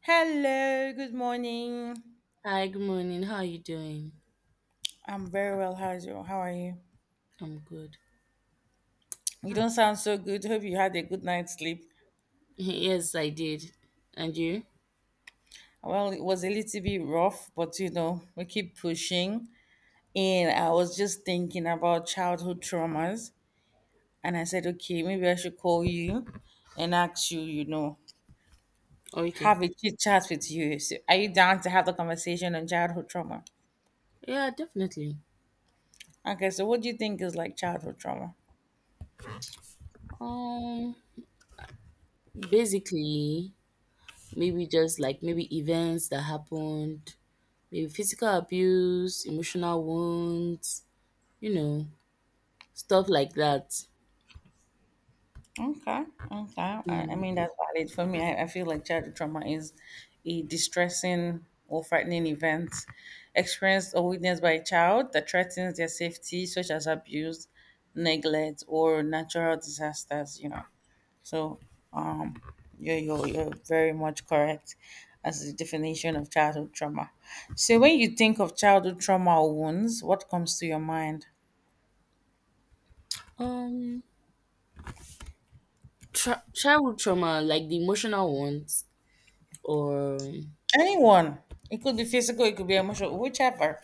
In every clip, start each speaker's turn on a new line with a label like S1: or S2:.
S1: Hello, good morning.
S2: Hi, good morning. How are you doing?
S1: I'm very well. How's you? How are you?
S2: I'm good.
S1: You don't sound so good. Hope you had a good night's sleep.
S2: Yes, I did. And you?
S1: Well, it was a little bit rough, but you know, we keep pushing. And I was just thinking about childhood traumas. And I said, okay, maybe I should call you and ask you, you know,
S2: Okay.
S1: have a chit chat with you. So are you down to have the conversation on childhood trauma?
S2: Yeah, definitely.
S1: Okay, so what do you think is like childhood trauma?
S2: Um, basically, maybe just like maybe events that happened, maybe physical abuse, emotional wounds, you know, stuff like that.
S1: Okay, okay. I
S2: Mm.
S1: mean, that's valid for me. I feel like childhood trauma is a distressing or frightening event experienced or witnessed by a child that threatens their safety, such as abuse, neglect, or natural disasters, you know. So, um, you're very much correct as the definition of childhood trauma. So, when you think of childhood trauma or wounds, what comes to your mind?
S2: Um, Childhood trauma, like the emotional ones, or
S1: Anyone. It could be physical, it could be emotional, whichever.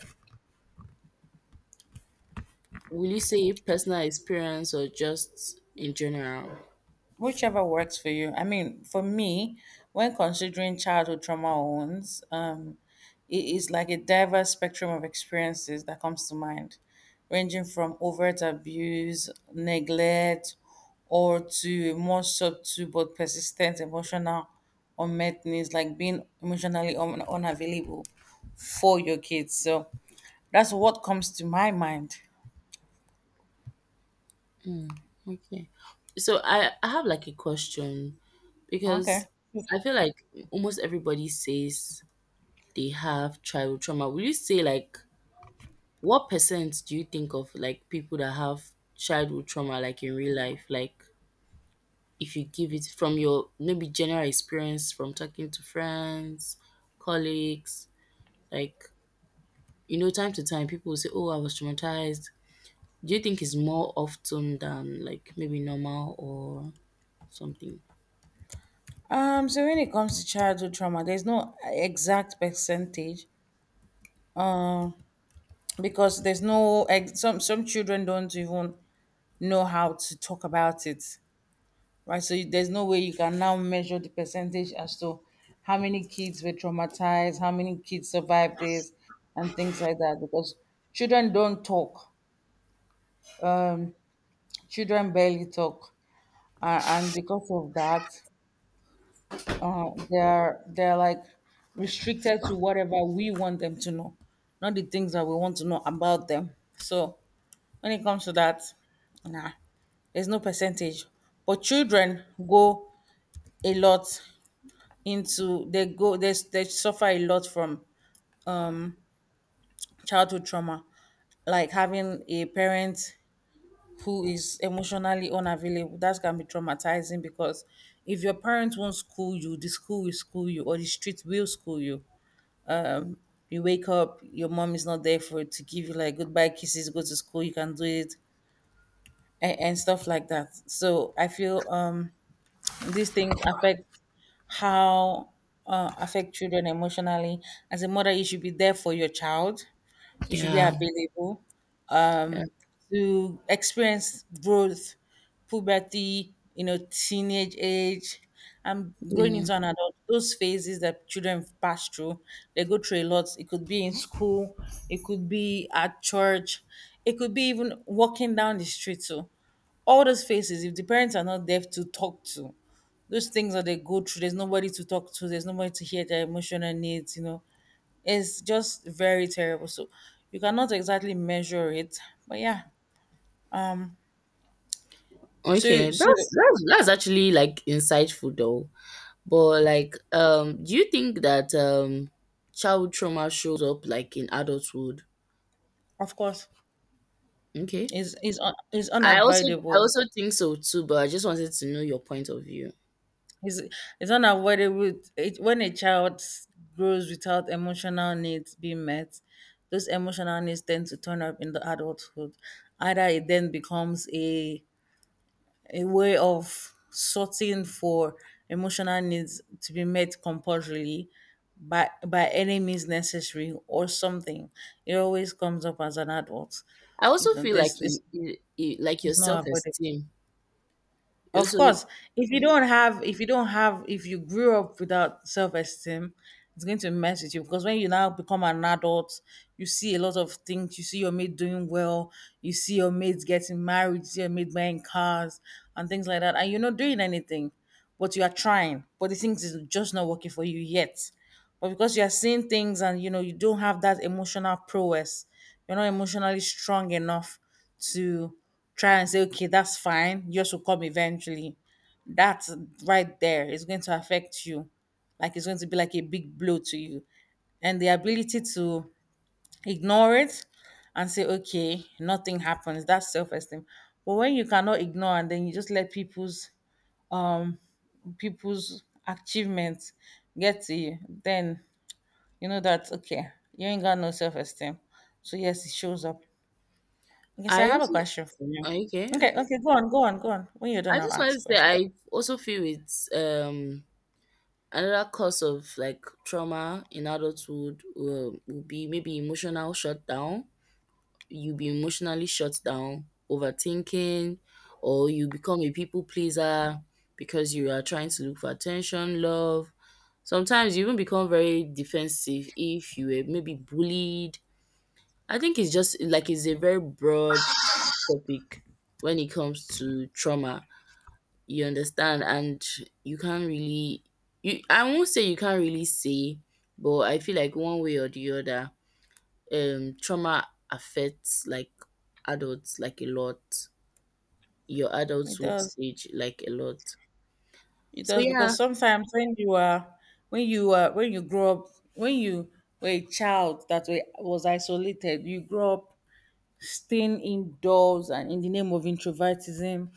S2: will you say personal experience or just in general?
S1: Whichever works for you. I mean, for me, when considering childhood trauma or wounds, it is like a diverse spectrum of experiences that comes to mind, ranging from overt abuse, neglect, or to a more subtle but persistent emotional unmet needs, like being emotionally unavailable for your kids. So that's what comes to my mind.
S2: Okay. So I have like a question
S1: Okay.
S2: because I feel like almost everybody says they have childhood trauma. Will you say like what percent do you think of like people that have childhood trauma like in real life? Like if you give it from your maybe general experience from talking to friends, colleagues, like you know, time to time people will say, oh, I was traumatized. Do you think it's more often than like maybe normal or something?
S1: So when it comes to childhood trauma, there's no exact percentage because there's no ex- some children don't even know how to talk about it, right? So there's no way you can now measure the percentage as to how many kids were traumatized, how many kids survived this, and things like that because children don't talk, children barely talk, and because of that, they're like restricted to whatever we want them to know, not the things that we want to know about them. So when it comes to that, nah, there's no percentage. But children go a lot into they go they suffer a lot from childhood trauma, like having a parent who is emotionally unavailable. That can be traumatizing because if your parents won't school you, the school will school you, or the street will school you. You wake up, your mom is not there for to give you like goodbye kisses, go to school, you can do it, and stuff like that. So I feel these things affect how affect children emotionally. As a mother, you should be there for your child. You should be
S2: Yeah.
S1: available,
S2: Yeah,
S1: um, to experience growth, puberty, you know, teenage age, and growing
S2: yeah.
S1: into an adult. Those phases that children pass through, they go through a lot. It could be in school, it could be at church, it could be even walking down the street. So all those phases, if the parents are not there to talk to, those things that they go through, there's nobody to talk to, there's nobody to hear their emotional needs, you know. It's just very terrible. So you cannot exactly measure it. But yeah. So,
S2: Okay,
S1: so
S2: that's actually like insightful though. But like, do you think that childhood trauma shows up like in adulthood?
S1: of course,
S2: Okay,
S1: is
S2: I also I
S1: unavoidable.
S2: also think so too. But I just wanted to know your point of view.
S1: Is is unavoidable. It, when a child grows without emotional needs being met, those emotional needs tend to turn up in the adulthood. Either it then becomes a way of sorting for emotional needs to be met compulsorily by any means necessary or something. It always comes up as an adult.
S2: I
S1: You
S2: also
S1: know,
S2: feel
S1: this
S2: like
S1: is
S2: it like your
S1: it's not
S2: self
S1: avoidable.
S2: esteem.
S1: Of
S2: Also,
S1: course,
S2: yeah.
S1: if you grew up without self esteem, it's going to mess with you because when you now become an adult, you see a lot of things. You see your mate doing well, you see your mates getting married, you see your mate buying cars and things like that, and you're not doing anything, but you are trying. But the things is just not working for you yet. But because you are seeing things and you know you don't have that emotional prowess, you're not emotionally strong enough to try and say, okay, that's fine. Yours will come eventually. That's right there. It's going to affect you. Like it's going to be like a big blow to you. And the ability to ignore it and say, okay, nothing happens. That's self-esteem. But when you cannot ignore and then you just let um people's achievements get to you, then you know that okay, you ain't got no self-esteem. So yes, it shows up. Okay, so I
S2: I
S1: have a
S2: also
S1: question for you.
S2: okay,
S1: Okay,
S2: okay.
S1: okay, go on. When you're
S2: I
S1: done, I'll
S2: just wanted
S1: ask
S2: to
S1: a
S2: say
S1: question.
S2: I also feel it's another cause of like trauma in adulthood will be maybe emotional shutdown. You'll be emotionally shut down, overthinking, or you become a people pleaser because you are trying to look for attention, love. Sometimes you even become very defensive if you were maybe bullied. I think it's just like it's a very broad topic when it comes to trauma you understand and you can't really you I won't say you can't really say but I feel like one way or the other trauma affects like adults like a lot your
S1: It
S2: adulthood
S1: does.
S2: stage like a lot
S1: It
S2: so
S1: does because
S2: yeah.
S1: sometimes when you grow up, when you were a child that was isolated, you grow up staying indoors and in the name of introvertism,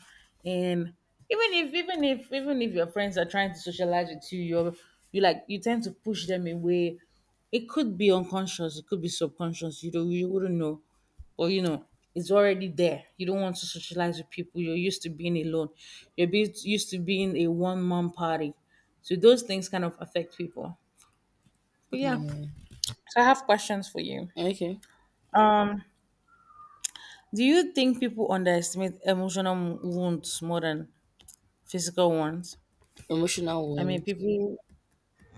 S1: and even if your friends are trying to socialize with you, you're you like you tend to push them away. It could be unconscious, it could be subconscious, you wouldn't know, but you know it's already there. You don't want to socialize with people. You're used to being alone, you're used to being a one-man party. So those things kind of affect people, but yeah.
S2: Mm,
S1: So I have questions for you.
S2: okay,
S1: um Do you think people underestimate emotional wounds more than physical ones?
S2: emotional
S1: I mean,
S2: wounds
S1: people,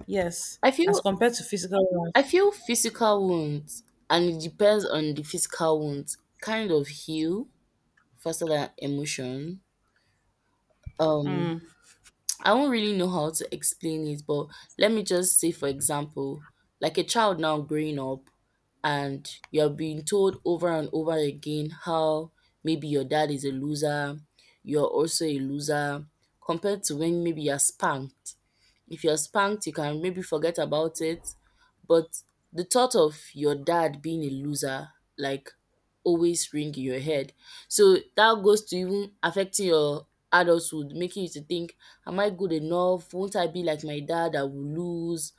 S1: yes,
S2: i
S1: as
S2: feel
S1: compared to physical
S2: i
S1: ones.
S2: feel physical wounds and it depends on the physical wounds kind of heal faster than emotion um I won't really know how to explain it, but let me just say, for example, like a child now growing up, and you're being told over and over again how maybe your dad is a loser, you're also a loser, compared to when maybe you're spanked. If you're spanked, you can maybe forget about it, but the thought of your dad being a loser, like, always ring in your head. So that goes to even affecting your adulthood, making you to think am I good enough? Won't I be like my dad? I will lose.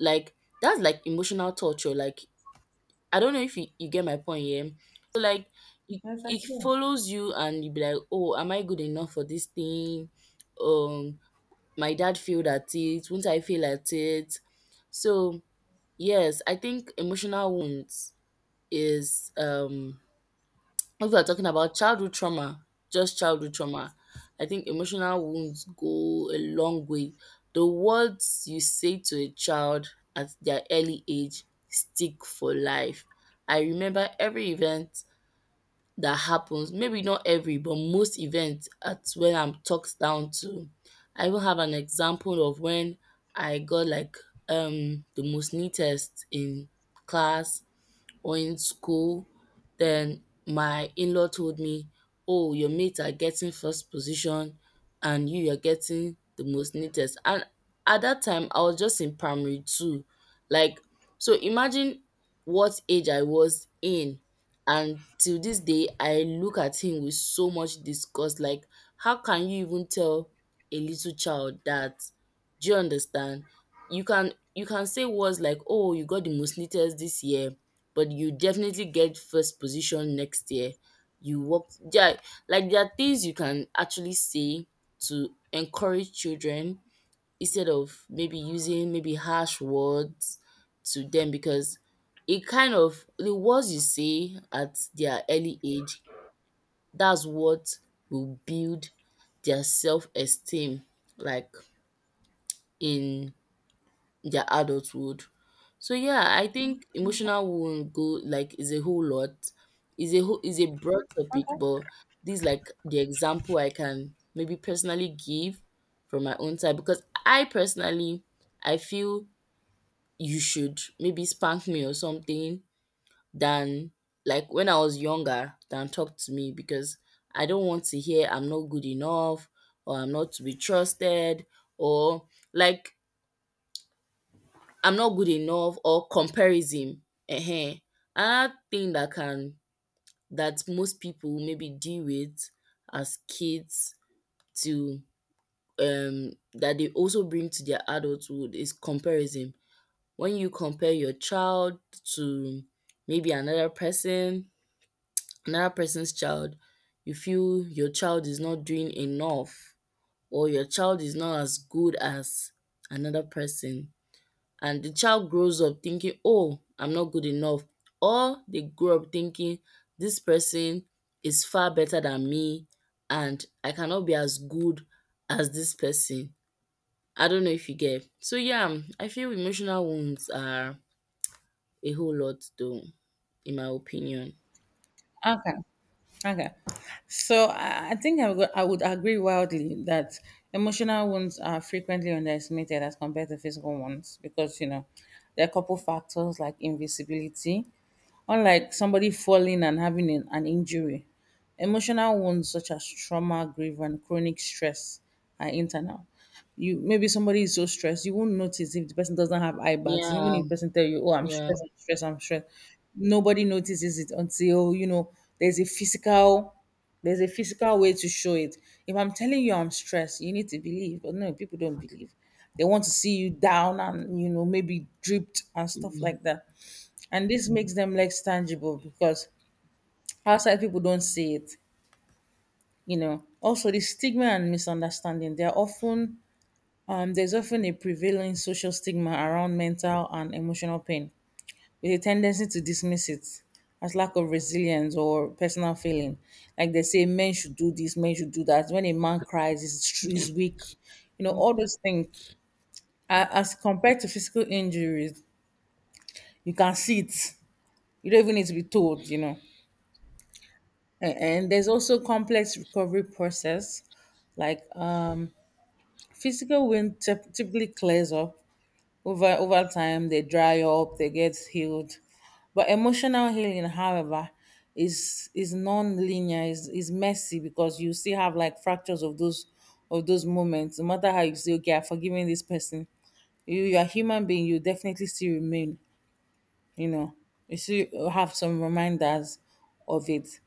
S2: Like that's like emotional torture. Like I don't know if you get my point, here. So like it,
S1: Yes, I
S2: it
S1: do.
S2: follows you and you be like, oh, am I good enough for this thing? Um, my dad failed at it, won't I fail at it? So yes, I think emotional wounds is if we're talking about childhood trauma, just childhood trauma, I think emotional wounds go a long way. The words you say to a child at their early age stick for life. I remember every event that happens, maybe not every, but most events at when I'm talked down to. I even have an example of when I got like the most neatest in class or in school, then my in-law told me, oh, your mates are getting first position and you are getting the most neatest. And at that time, I was just in primary two. Like, so imagine what age I was in. And till this day, I look at him with so much disgust. Like, how can you even tell a little child that? Do you understand? You can say words like, oh, you got the most neatest this year but you definitely get first position next year. You work yeah. Like there are things you can actually say to encourage children instead of maybe using maybe harsh words to them because it kind of the words you say at their early age that's what will build their self esteem like in their adulthood. So yeah, I think emotional wound go like is a whole lot. Is a whole is a broad topic, but this like the example I can maybe personally give from my own side because I personally I feel you should maybe spank me or something than like when I was younger than talk to me because I don't want to hear I'm not good enough or I'm not to be trusted or like I'm not good enough or comparison um. Another thing that can that most people maybe deal with as kids to that they also bring to their adulthood is comparison. When you compare your child to maybe another person, another person's child, you feel your child is not doing enough or your child is not as good as another person. And the child grows up thinking, oh, I'm not good enough. Or they grow up thinking, this person is far better than me and I cannot be as good as this person. I don't know if you get. So, yeah, I feel emotional wounds are a whole lot, though, in my opinion.
S1: Okay. Okay. So I think I would agree wildly that emotional wounds are frequently underestimated as compared to physical ones because, you know, there are a couple factors like invisibility. Unlike somebody falling and having an injury, emotional wounds such as trauma, grief, and chronic stress are internal. You maybe somebody is so stressed, you won't notice if the person doesn't have eye bags. Even
S2: Yeah,
S1: if the person tell you, "Oh, I'm
S2: yeah.
S1: stressed, I'm stressed, I'm stressed," nobody notices it until you know there's a physical there's a physical way to show it. If I'm telling you I'm stressed, you need to believe, but no, people don't believe. They want to see you down and you know maybe dripped and stuff
S2: Mm.
S1: like that. And this makes them less tangible because outside people don't see it. You know, also the stigma and misunderstanding. They are often there's often a prevailing social stigma around mental and emotional pain, with a tendency to dismiss it as lack of resilience or personal failing. Like they say, men should do this, men should do that. When a man cries, he's weak. You know, all those things. As compared to physical injuries, you can see it. You don't even need to be told, you know. And there's also complex recovery process. Like physical wound typically clears up over time. They dry up, they get healed, but emotional healing however is non-linear, is messy, because you still have like fractures of those moments. No matter how you say okay, I've forgiven this person, you you're a human being, you definitely still remain, you know, you still have some reminders of it.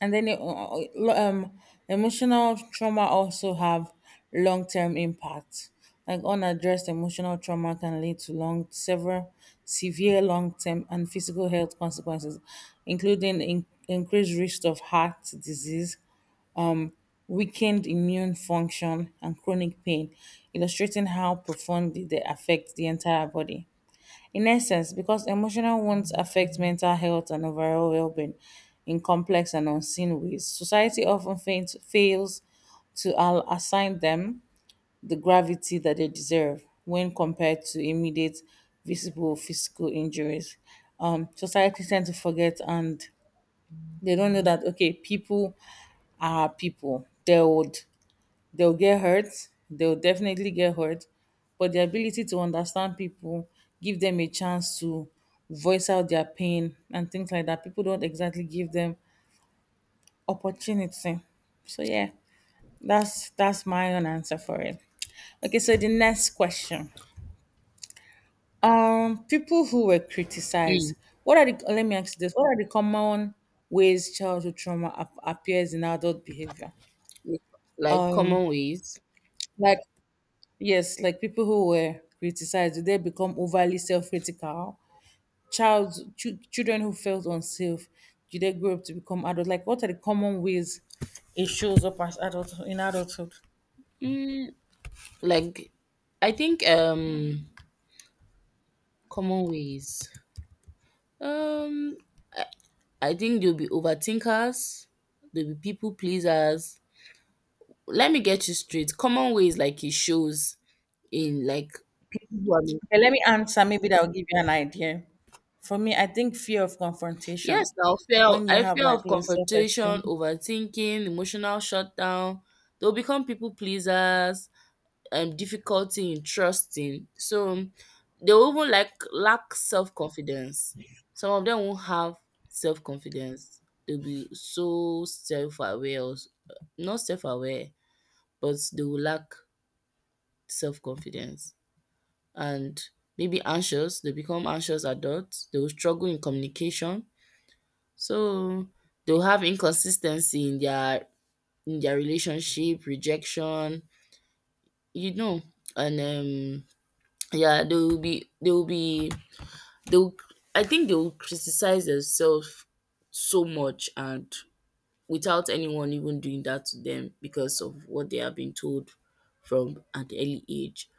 S1: And then um, emotional trauma also have long term impact. Like unaddressed emotional trauma can lead to long, several severe long term and physical health consequences, including increased risk of heart disease, weakened immune function, and chronic pain, illustrating how profoundly they affect the entire body. In essence, because emotional wounds affect mental health and overall well being in complex and unseen ways, society often fails to assign them the gravity that they deserve when compared to immediate visible physical injuries. Society tend to forget and they don't know that okay, people are people. They would they'll get hurt, they'll definitely get hurt, but the ability to understand people, give them a chance to voice out their pain and things like that. People don't exactly give them opportunity. So yeah, that's my own answer for it. Okay, so the next question. People who were criticized.
S2: Mm.
S1: What are the, let me ask you this? What are the common ways childhood trauma appears in adult behavior?
S2: Like common ways.
S1: Like, yes, like people who were criticized, did they become overly self-critical? Children who felt unsafe, do they grow up to become adults? Like, what are the common ways it shows up as adult in adulthood?
S2: Mm, like I think common ways. Um I think they'll be overthinkers, they'll be people pleasers. Let me get you straight. Common ways like it shows in like people who are
S1: Okay, let me answer. Maybe that will give you an idea. For me, I think fear of confrontation.
S2: yes, now
S1: When you have
S2: fear
S1: like
S2: of
S1: low
S2: confrontation,
S1: self-esteem,
S2: overthinking, emotional shutdown. They'll become people pleasers, difficulty in trusting. So they'll even like lack self confidence. Some of them won't have self confidence. They'll be so self aware, not self aware but they will lack self-confidence and maybe anxious. They become anxious adults. They will struggle in communication. So they'll have inconsistency in their relationship, rejection, you know, and yeah, they will be they will be they will I think they will criticize themselves so much and without anyone even doing that to them because of what they have been told from an early age.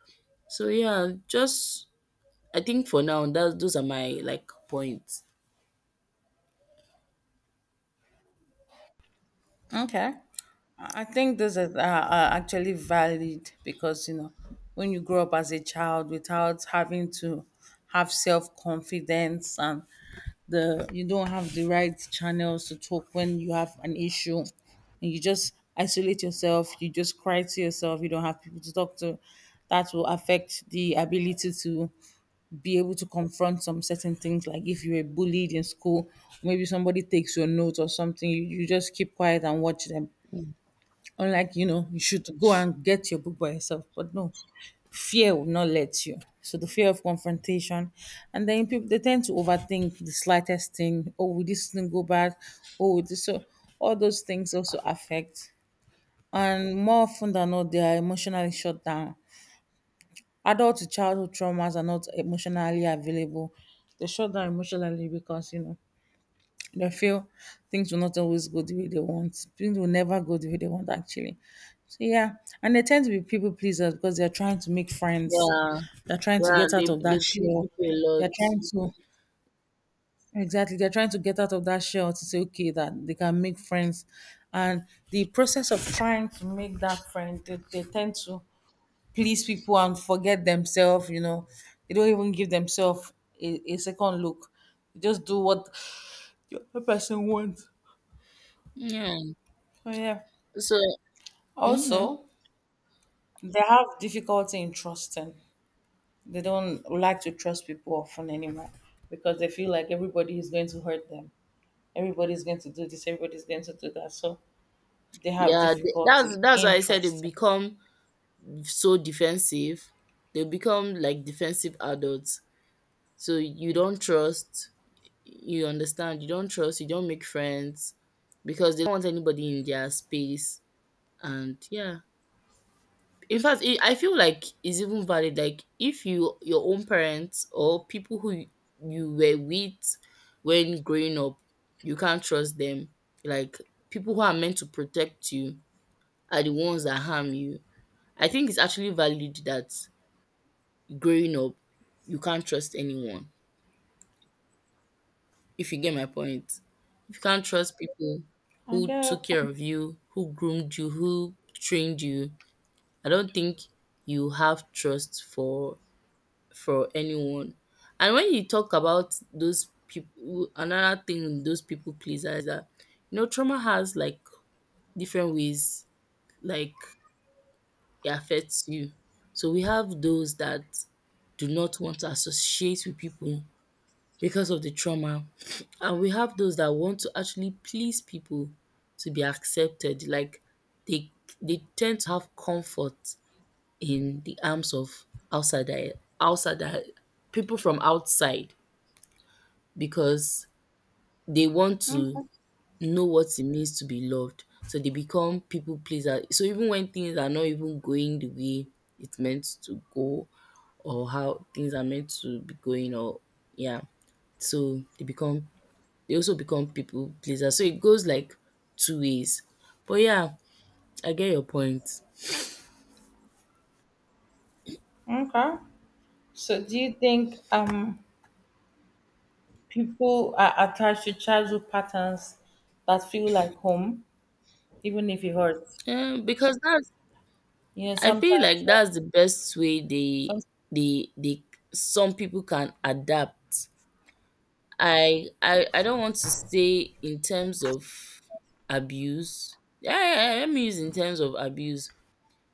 S2: So yeah, just I think for now that those are my like points.
S1: okay. I think this is actually valid because, you know, when you grow up as a child without having to have self confidence and the you don't have the right channels to talk when you have an issue and you just isolate yourself, you just cry to yourself, you don't have people to talk to, that will affect the ability to be able to confront some certain things, like if you were bullied in school, maybe somebody takes your notes or something, you just keep quiet and watch them,
S2: Mm.
S1: unlike, you know, you should go and get your book by yourself, but no, fear will not let you. So the fear of confrontation, and then people, they tend to overthink the slightest thing. Oh, will this thing go bad? Oh, will this? So all those things also affect. And more often than not, they are emotionally shut down. Adult to childhood traumas are not emotionally available. They shut down emotionally because, you know, they feel things will not always go the way they want. Things will never go the way they want, actually. So yeah, and they tend to be people pleasers because they're trying to make friends.
S2: Yeah,
S1: They're trying to
S2: yeah,
S1: get out
S2: they
S1: of
S2: they
S1: that
S2: please
S1: shell.
S2: people a
S1: They're
S2: lot.
S1: trying to, exactly, they're trying to get out of that shell to say, okay, that they can make friends. And the process of trying to make that friend, they tend to please people and forget themselves. They don't even give themselves a second look. They just do what the other person wants.
S2: Yeah.
S1: Oh yeah.
S2: So hmm
S1: Also, they have difficulty in trusting. They don't like to trust people often anymore because they feel like everybody is going to hurt them. Everybody is going to do this, everybody is going to do that. So they have
S2: yeah, th- that's
S1: difficulty
S2: that's why
S1: in
S2: I said they
S1: trusting.
S2: become so defensive. They become like defensive adults. So you don't trust. You understand? You don't trust. You don't make friends because they don't want anybody in their space. And yeah, in fact, it, I feel like it's even valid. Like if you your own parents or people who you were with when growing up, you can't trust them. Like people who are meant to protect you are the ones that harm you. I think it's actually valid that growing up you can't trust anyone. If you get my point, if you can't trust people who
S1: Okay.
S2: took care of you, who groomed you, who trained you, I don't think you have trust for anyone. And when you talk about those people, another thing those people pleasers is that you know trauma has like different ways like it affects you. So we have those that do not want to associate with people because of the trauma, and we have those that want to actually please people to be accepted. Like they they tend to have comfort in the arms of outsider outsider people from outside because they want to know what it means to be loved. So they become people pleaser. So even when things are not even going the way it's meant to go or how things are meant to be going or yeah. So they become they also become people pleaser. So it goes like two ways. But yeah, I get your point.
S1: Okay. So do you think people are attached to childhood patterns that feel like home, even if it hurts?
S2: Because that's
S1: You know,
S2: I
S1: sometimes,
S2: feel like that's the best way
S1: some,
S2: they some people can adapt I don't want to say in terms of abuse. Yeah, yeah, yeah, let me use in terms of abuse.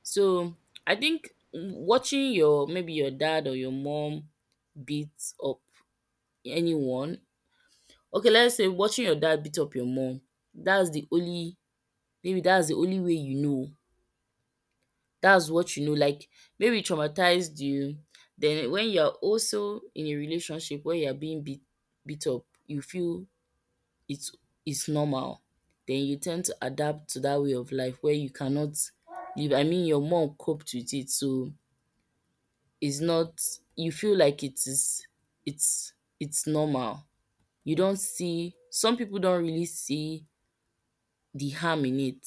S2: So I think watching your maybe your dad or your mom beat up anyone. Okay, let's say watching your dad beat up your mom. That's the only maybe that's the only way you know. That's what you know. Like maybe it traumatized you. Then when you're also in a relationship where you're being beat up, you feel it is normal, then you tend to adapt to that way of life where you cannot leave. I mean your mom coped with it so it's not you feel like it is it's it's normal. You don't see some people don't really see the harm in it.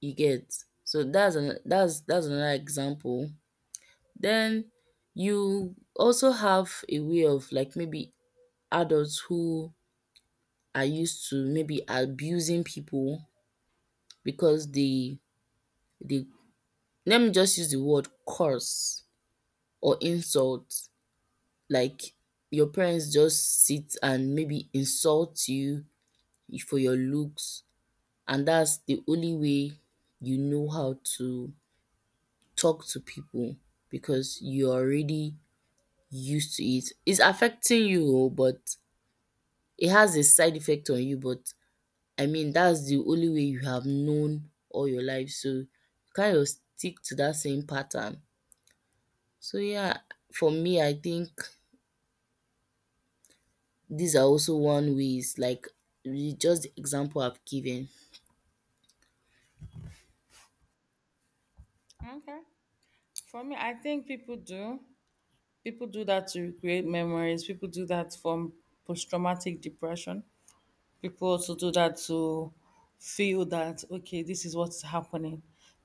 S2: You get. So that's an that's another example. Then you also have a way of like maybe adults who are used to maybe abusing people because they the let me just use the word curse or insult like your parents just sit and maybe insult you for your looks and that's the only way you know how to talk to people because you're already used to it. It's affecting you oh, but it has a side effect on you but I mean that's the only way you have known all your life so you kind of stick to that same pattern. So yeah, for me, I think these are also one ways, like the- just the example I've given.
S1: okay. For me, I think people do. People do that to create memories. People do that from post traumatic depression. People also do that to feel that, okay, this is what's happening,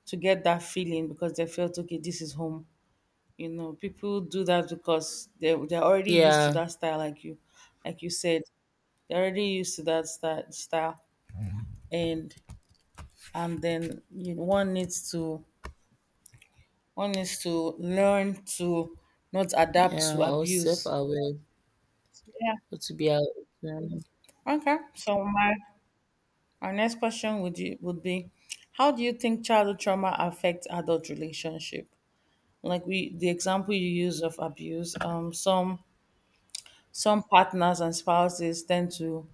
S1: to get that feeling because they felt, okay, this is home. You know, people do that because they're already used to
S2: Yeah,
S1: that style, like you said. They're already used to that style, and and then, you know, one needs to, one needs to learn to not adapt
S2: yeah,
S1: to
S2: or
S1: abuse.
S2: self-aware,
S1: Yeah.
S2: or to be aware.
S1: Okay, so my our next question would be, how do you think childhood trauma affects adult relationship? Like, we the example you use of abuse, some partners and spouses tend to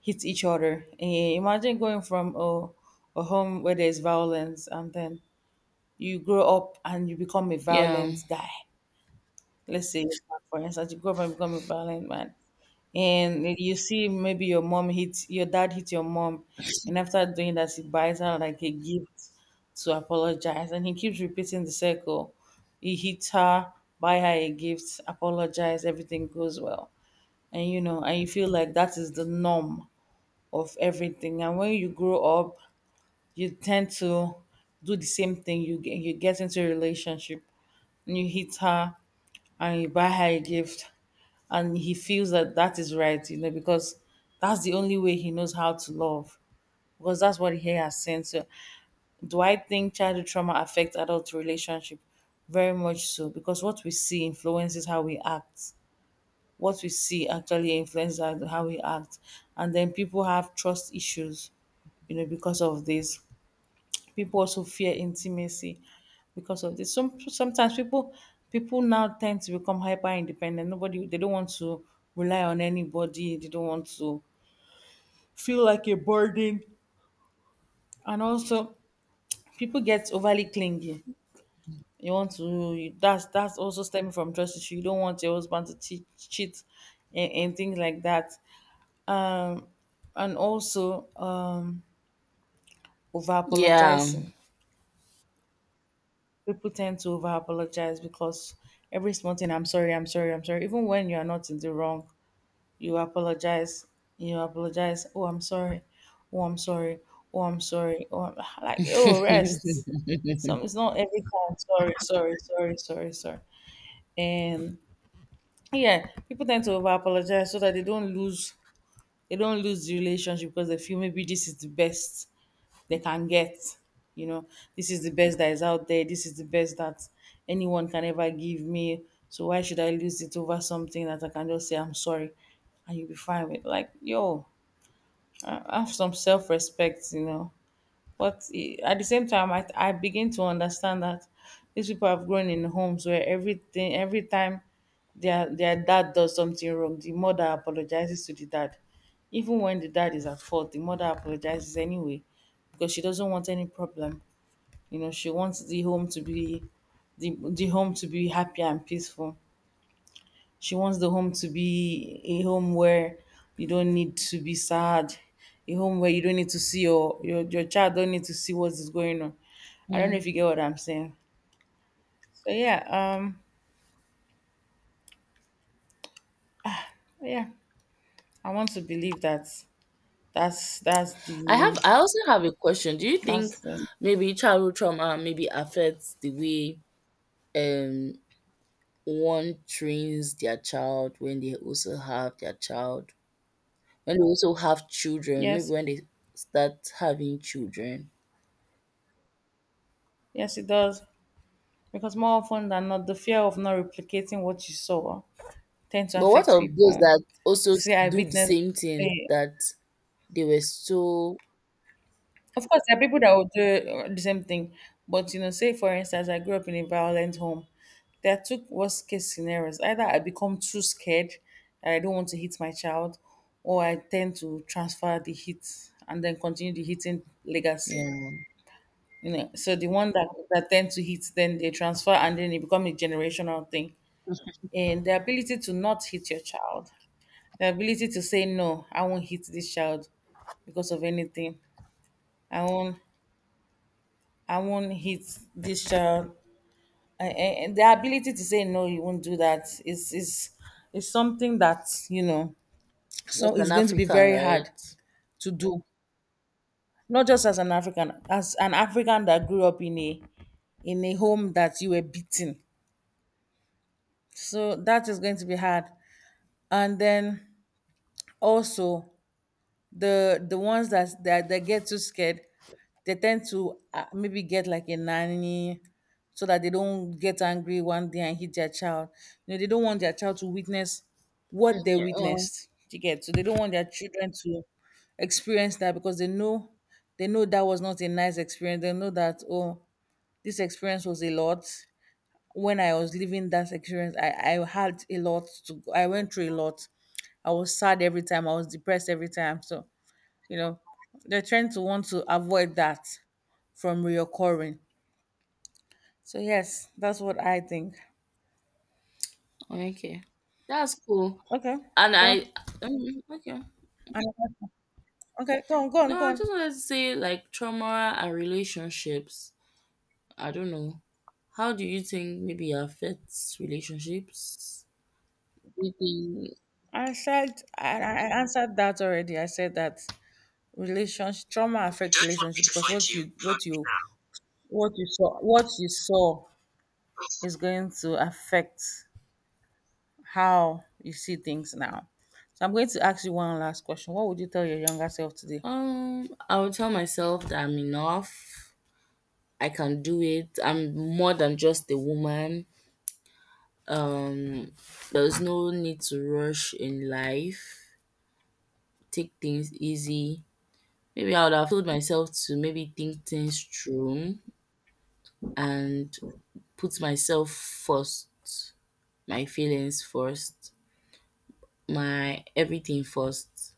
S1: hit each other. Eh, imagine going from a home where there's violence, and then you grow up and you become a
S2: Yeah,
S1: violent guy. Let's say, for instance, you grow up and become a violent man, and you see maybe your dad hit your mom, and after doing that, he buys her like a gift to apologize, and he keeps repeating the circle. He hits her, buy her a gift, apologize, everything goes well, and you know, and you feel like that is the norm of everything. And when you grow up, you tend to do the same thing. You get into a relationship and you hit her and you buy her a gift, and he feels that that is right, you know, because that's the only way he knows how to love, because that's what he has sent. So, do I think childhood trauma affects adult relationship? Very much so, because what we see influences how we act. What we see actually influences how we act. And then people have trust issues, you know, because of this. People also fear intimacy because of this. Sometimes people now tend to become hyper independent. Nobody they don't want to rely on anybody. They don't want to feel like a burden. And also, people get overly clingy. You want to you, that's also stemming from trust issue. You don't want your husband to cheat, and things like that. Um and also, over
S2: yeah.
S1: apologizing. People tend to over apologize because every small thing, I'm sorry, I'm sorry, I'm sorry, even when you are not in the wrong, you apologize, you apologize. Oh, I'm sorry, oh, I'm sorry, oh, I'm sorry, oh, I'm, like, oh rest. Some, it's not every time sorry, sorry, sorry, sorry, sorry. And yeah, people tend to over apologize so that they don't lose the relationship, because they feel maybe this is the best they can get. You know, this is the best that is out there. This is the best that anyone can ever give me. So why should I lose it over something that I can just say I'm sorry, and you'll be fine with? Like, yo, I- have some self respect. You know, but eh, at the same time, I begin to understand that these people have grown in homes where every time their dad does something wrong, the mother apologizes to the dad, even when the dad is at fault, the mother apologizes anyway because she doesn't want any problem. You know, she wants the home to be the home to be happy and peaceful. She wants the home to be a home where you don't need to be sad, a home where you don't need to see your child don't need to see what is going on. I don't know
S2: Mm.
S1: if you get what I'm saying. So yeah, yeah, I want to believe that that's
S2: I have.
S1: the,
S2: I also have a question. Do you think
S1: that's the,
S2: maybe childhood trauma maybe affects the way um one trains their child when they also have their child when they also have children maybe
S1: yes,
S2: when they start having children
S1: yes it does. Because more often than not, the fear of not replicating what you saw tend to
S2: But what
S1: affect
S2: of those
S1: people.
S2: that also s-
S1: See, I
S2: do the
S1: witnessed.
S2: same thing
S1: Eh,
S2: that they were so
S1: of course, there are people that will do the same thing, but you know, say for instance, I grew up in a violent home. There are two worst case scenarios: either I become too scared that I don't want to hit my child, or I tend to transfer the hit and then continue the hitting legacy.
S2: yeah,
S1: You know, so the one that tend to hit, then they transfer, and then it become a generational thing. And the ability to not hit your child, the ability to say no, I won't hit this child because of anything. I won't I won't hit this child. And the ability to say no, you won't do that is something that you know. So it's
S2: Western
S1: going to be
S2: African,
S1: very hard
S2: right?
S1: to do. Not just as an African that grew up in a, in a home that you were beaten. So that is going to be hard. And then also, the ones that get too scared, they tend to maybe get like a nanny so that they don't get angry one day and hit their child. You know, they don't want their child to witness what they
S2: Mm, oh,
S1: witnessed, you get, so they don't want their children to experience that, because they know, they know that was not a nice experience. They know that, oh, this experience was a lot. When I was living that experience, I had a lot to, I went through a lot, I was sad every time, I was depressed every time. So you know, they are trying to want to avoid that from reoccurring. So yes, that's what I think.
S2: okay. That's cool.
S1: Okay,
S2: And
S1: so
S2: I okay.
S1: and, okay, go on, go on,
S2: No,
S1: go
S2: I
S1: on.
S2: just wanted to say like trauma and relationships. I don't know. How do you think maybe it affects relationships? Do you think
S1: I said I answered that already. I said that relationship trauma affect
S2: Don't want me
S1: relationship
S2: to
S1: because
S2: fight you. Plug me
S1: what you saw, what you saw is going to affect how you see things now. So I'm going to ask you one last question. What would you tell your younger self today?
S2: now. I would tell myself that I'm enough. I can do it. I'm more than just a woman. Um, there's no need to rush in life. Take things easy. Maybe I would have told myself to maybe think things through and put myself first, my feelings first, my everything first.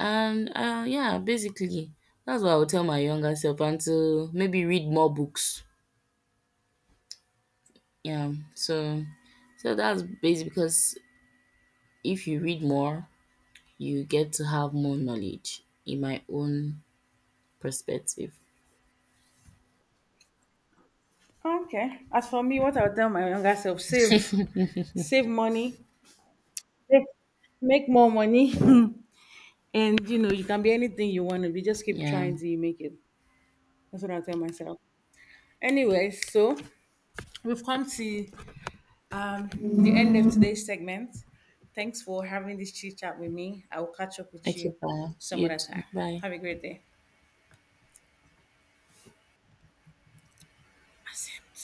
S2: And yeah, basically, that's what I would tell my younger self and to maybe read more books. Yeah, so so that's basically because if you read more you get to have more knowledge in my own perspective.
S1: Okay. As for me, what I would tell my younger self, save. Save money, make, make more money. And you know, you can be anything you want to be. Just keep
S2: Yeah.
S1: trying till you make it. That's what I tell myself. Anyway, so we've come to the end of today's segment. Thanks for having this chit chat with me. I will catch up with
S2: Okay,
S1: you
S2: bye.
S1: some
S2: You
S1: other
S2: too.
S1: time.
S2: Bye.
S1: Have a great day. Accept.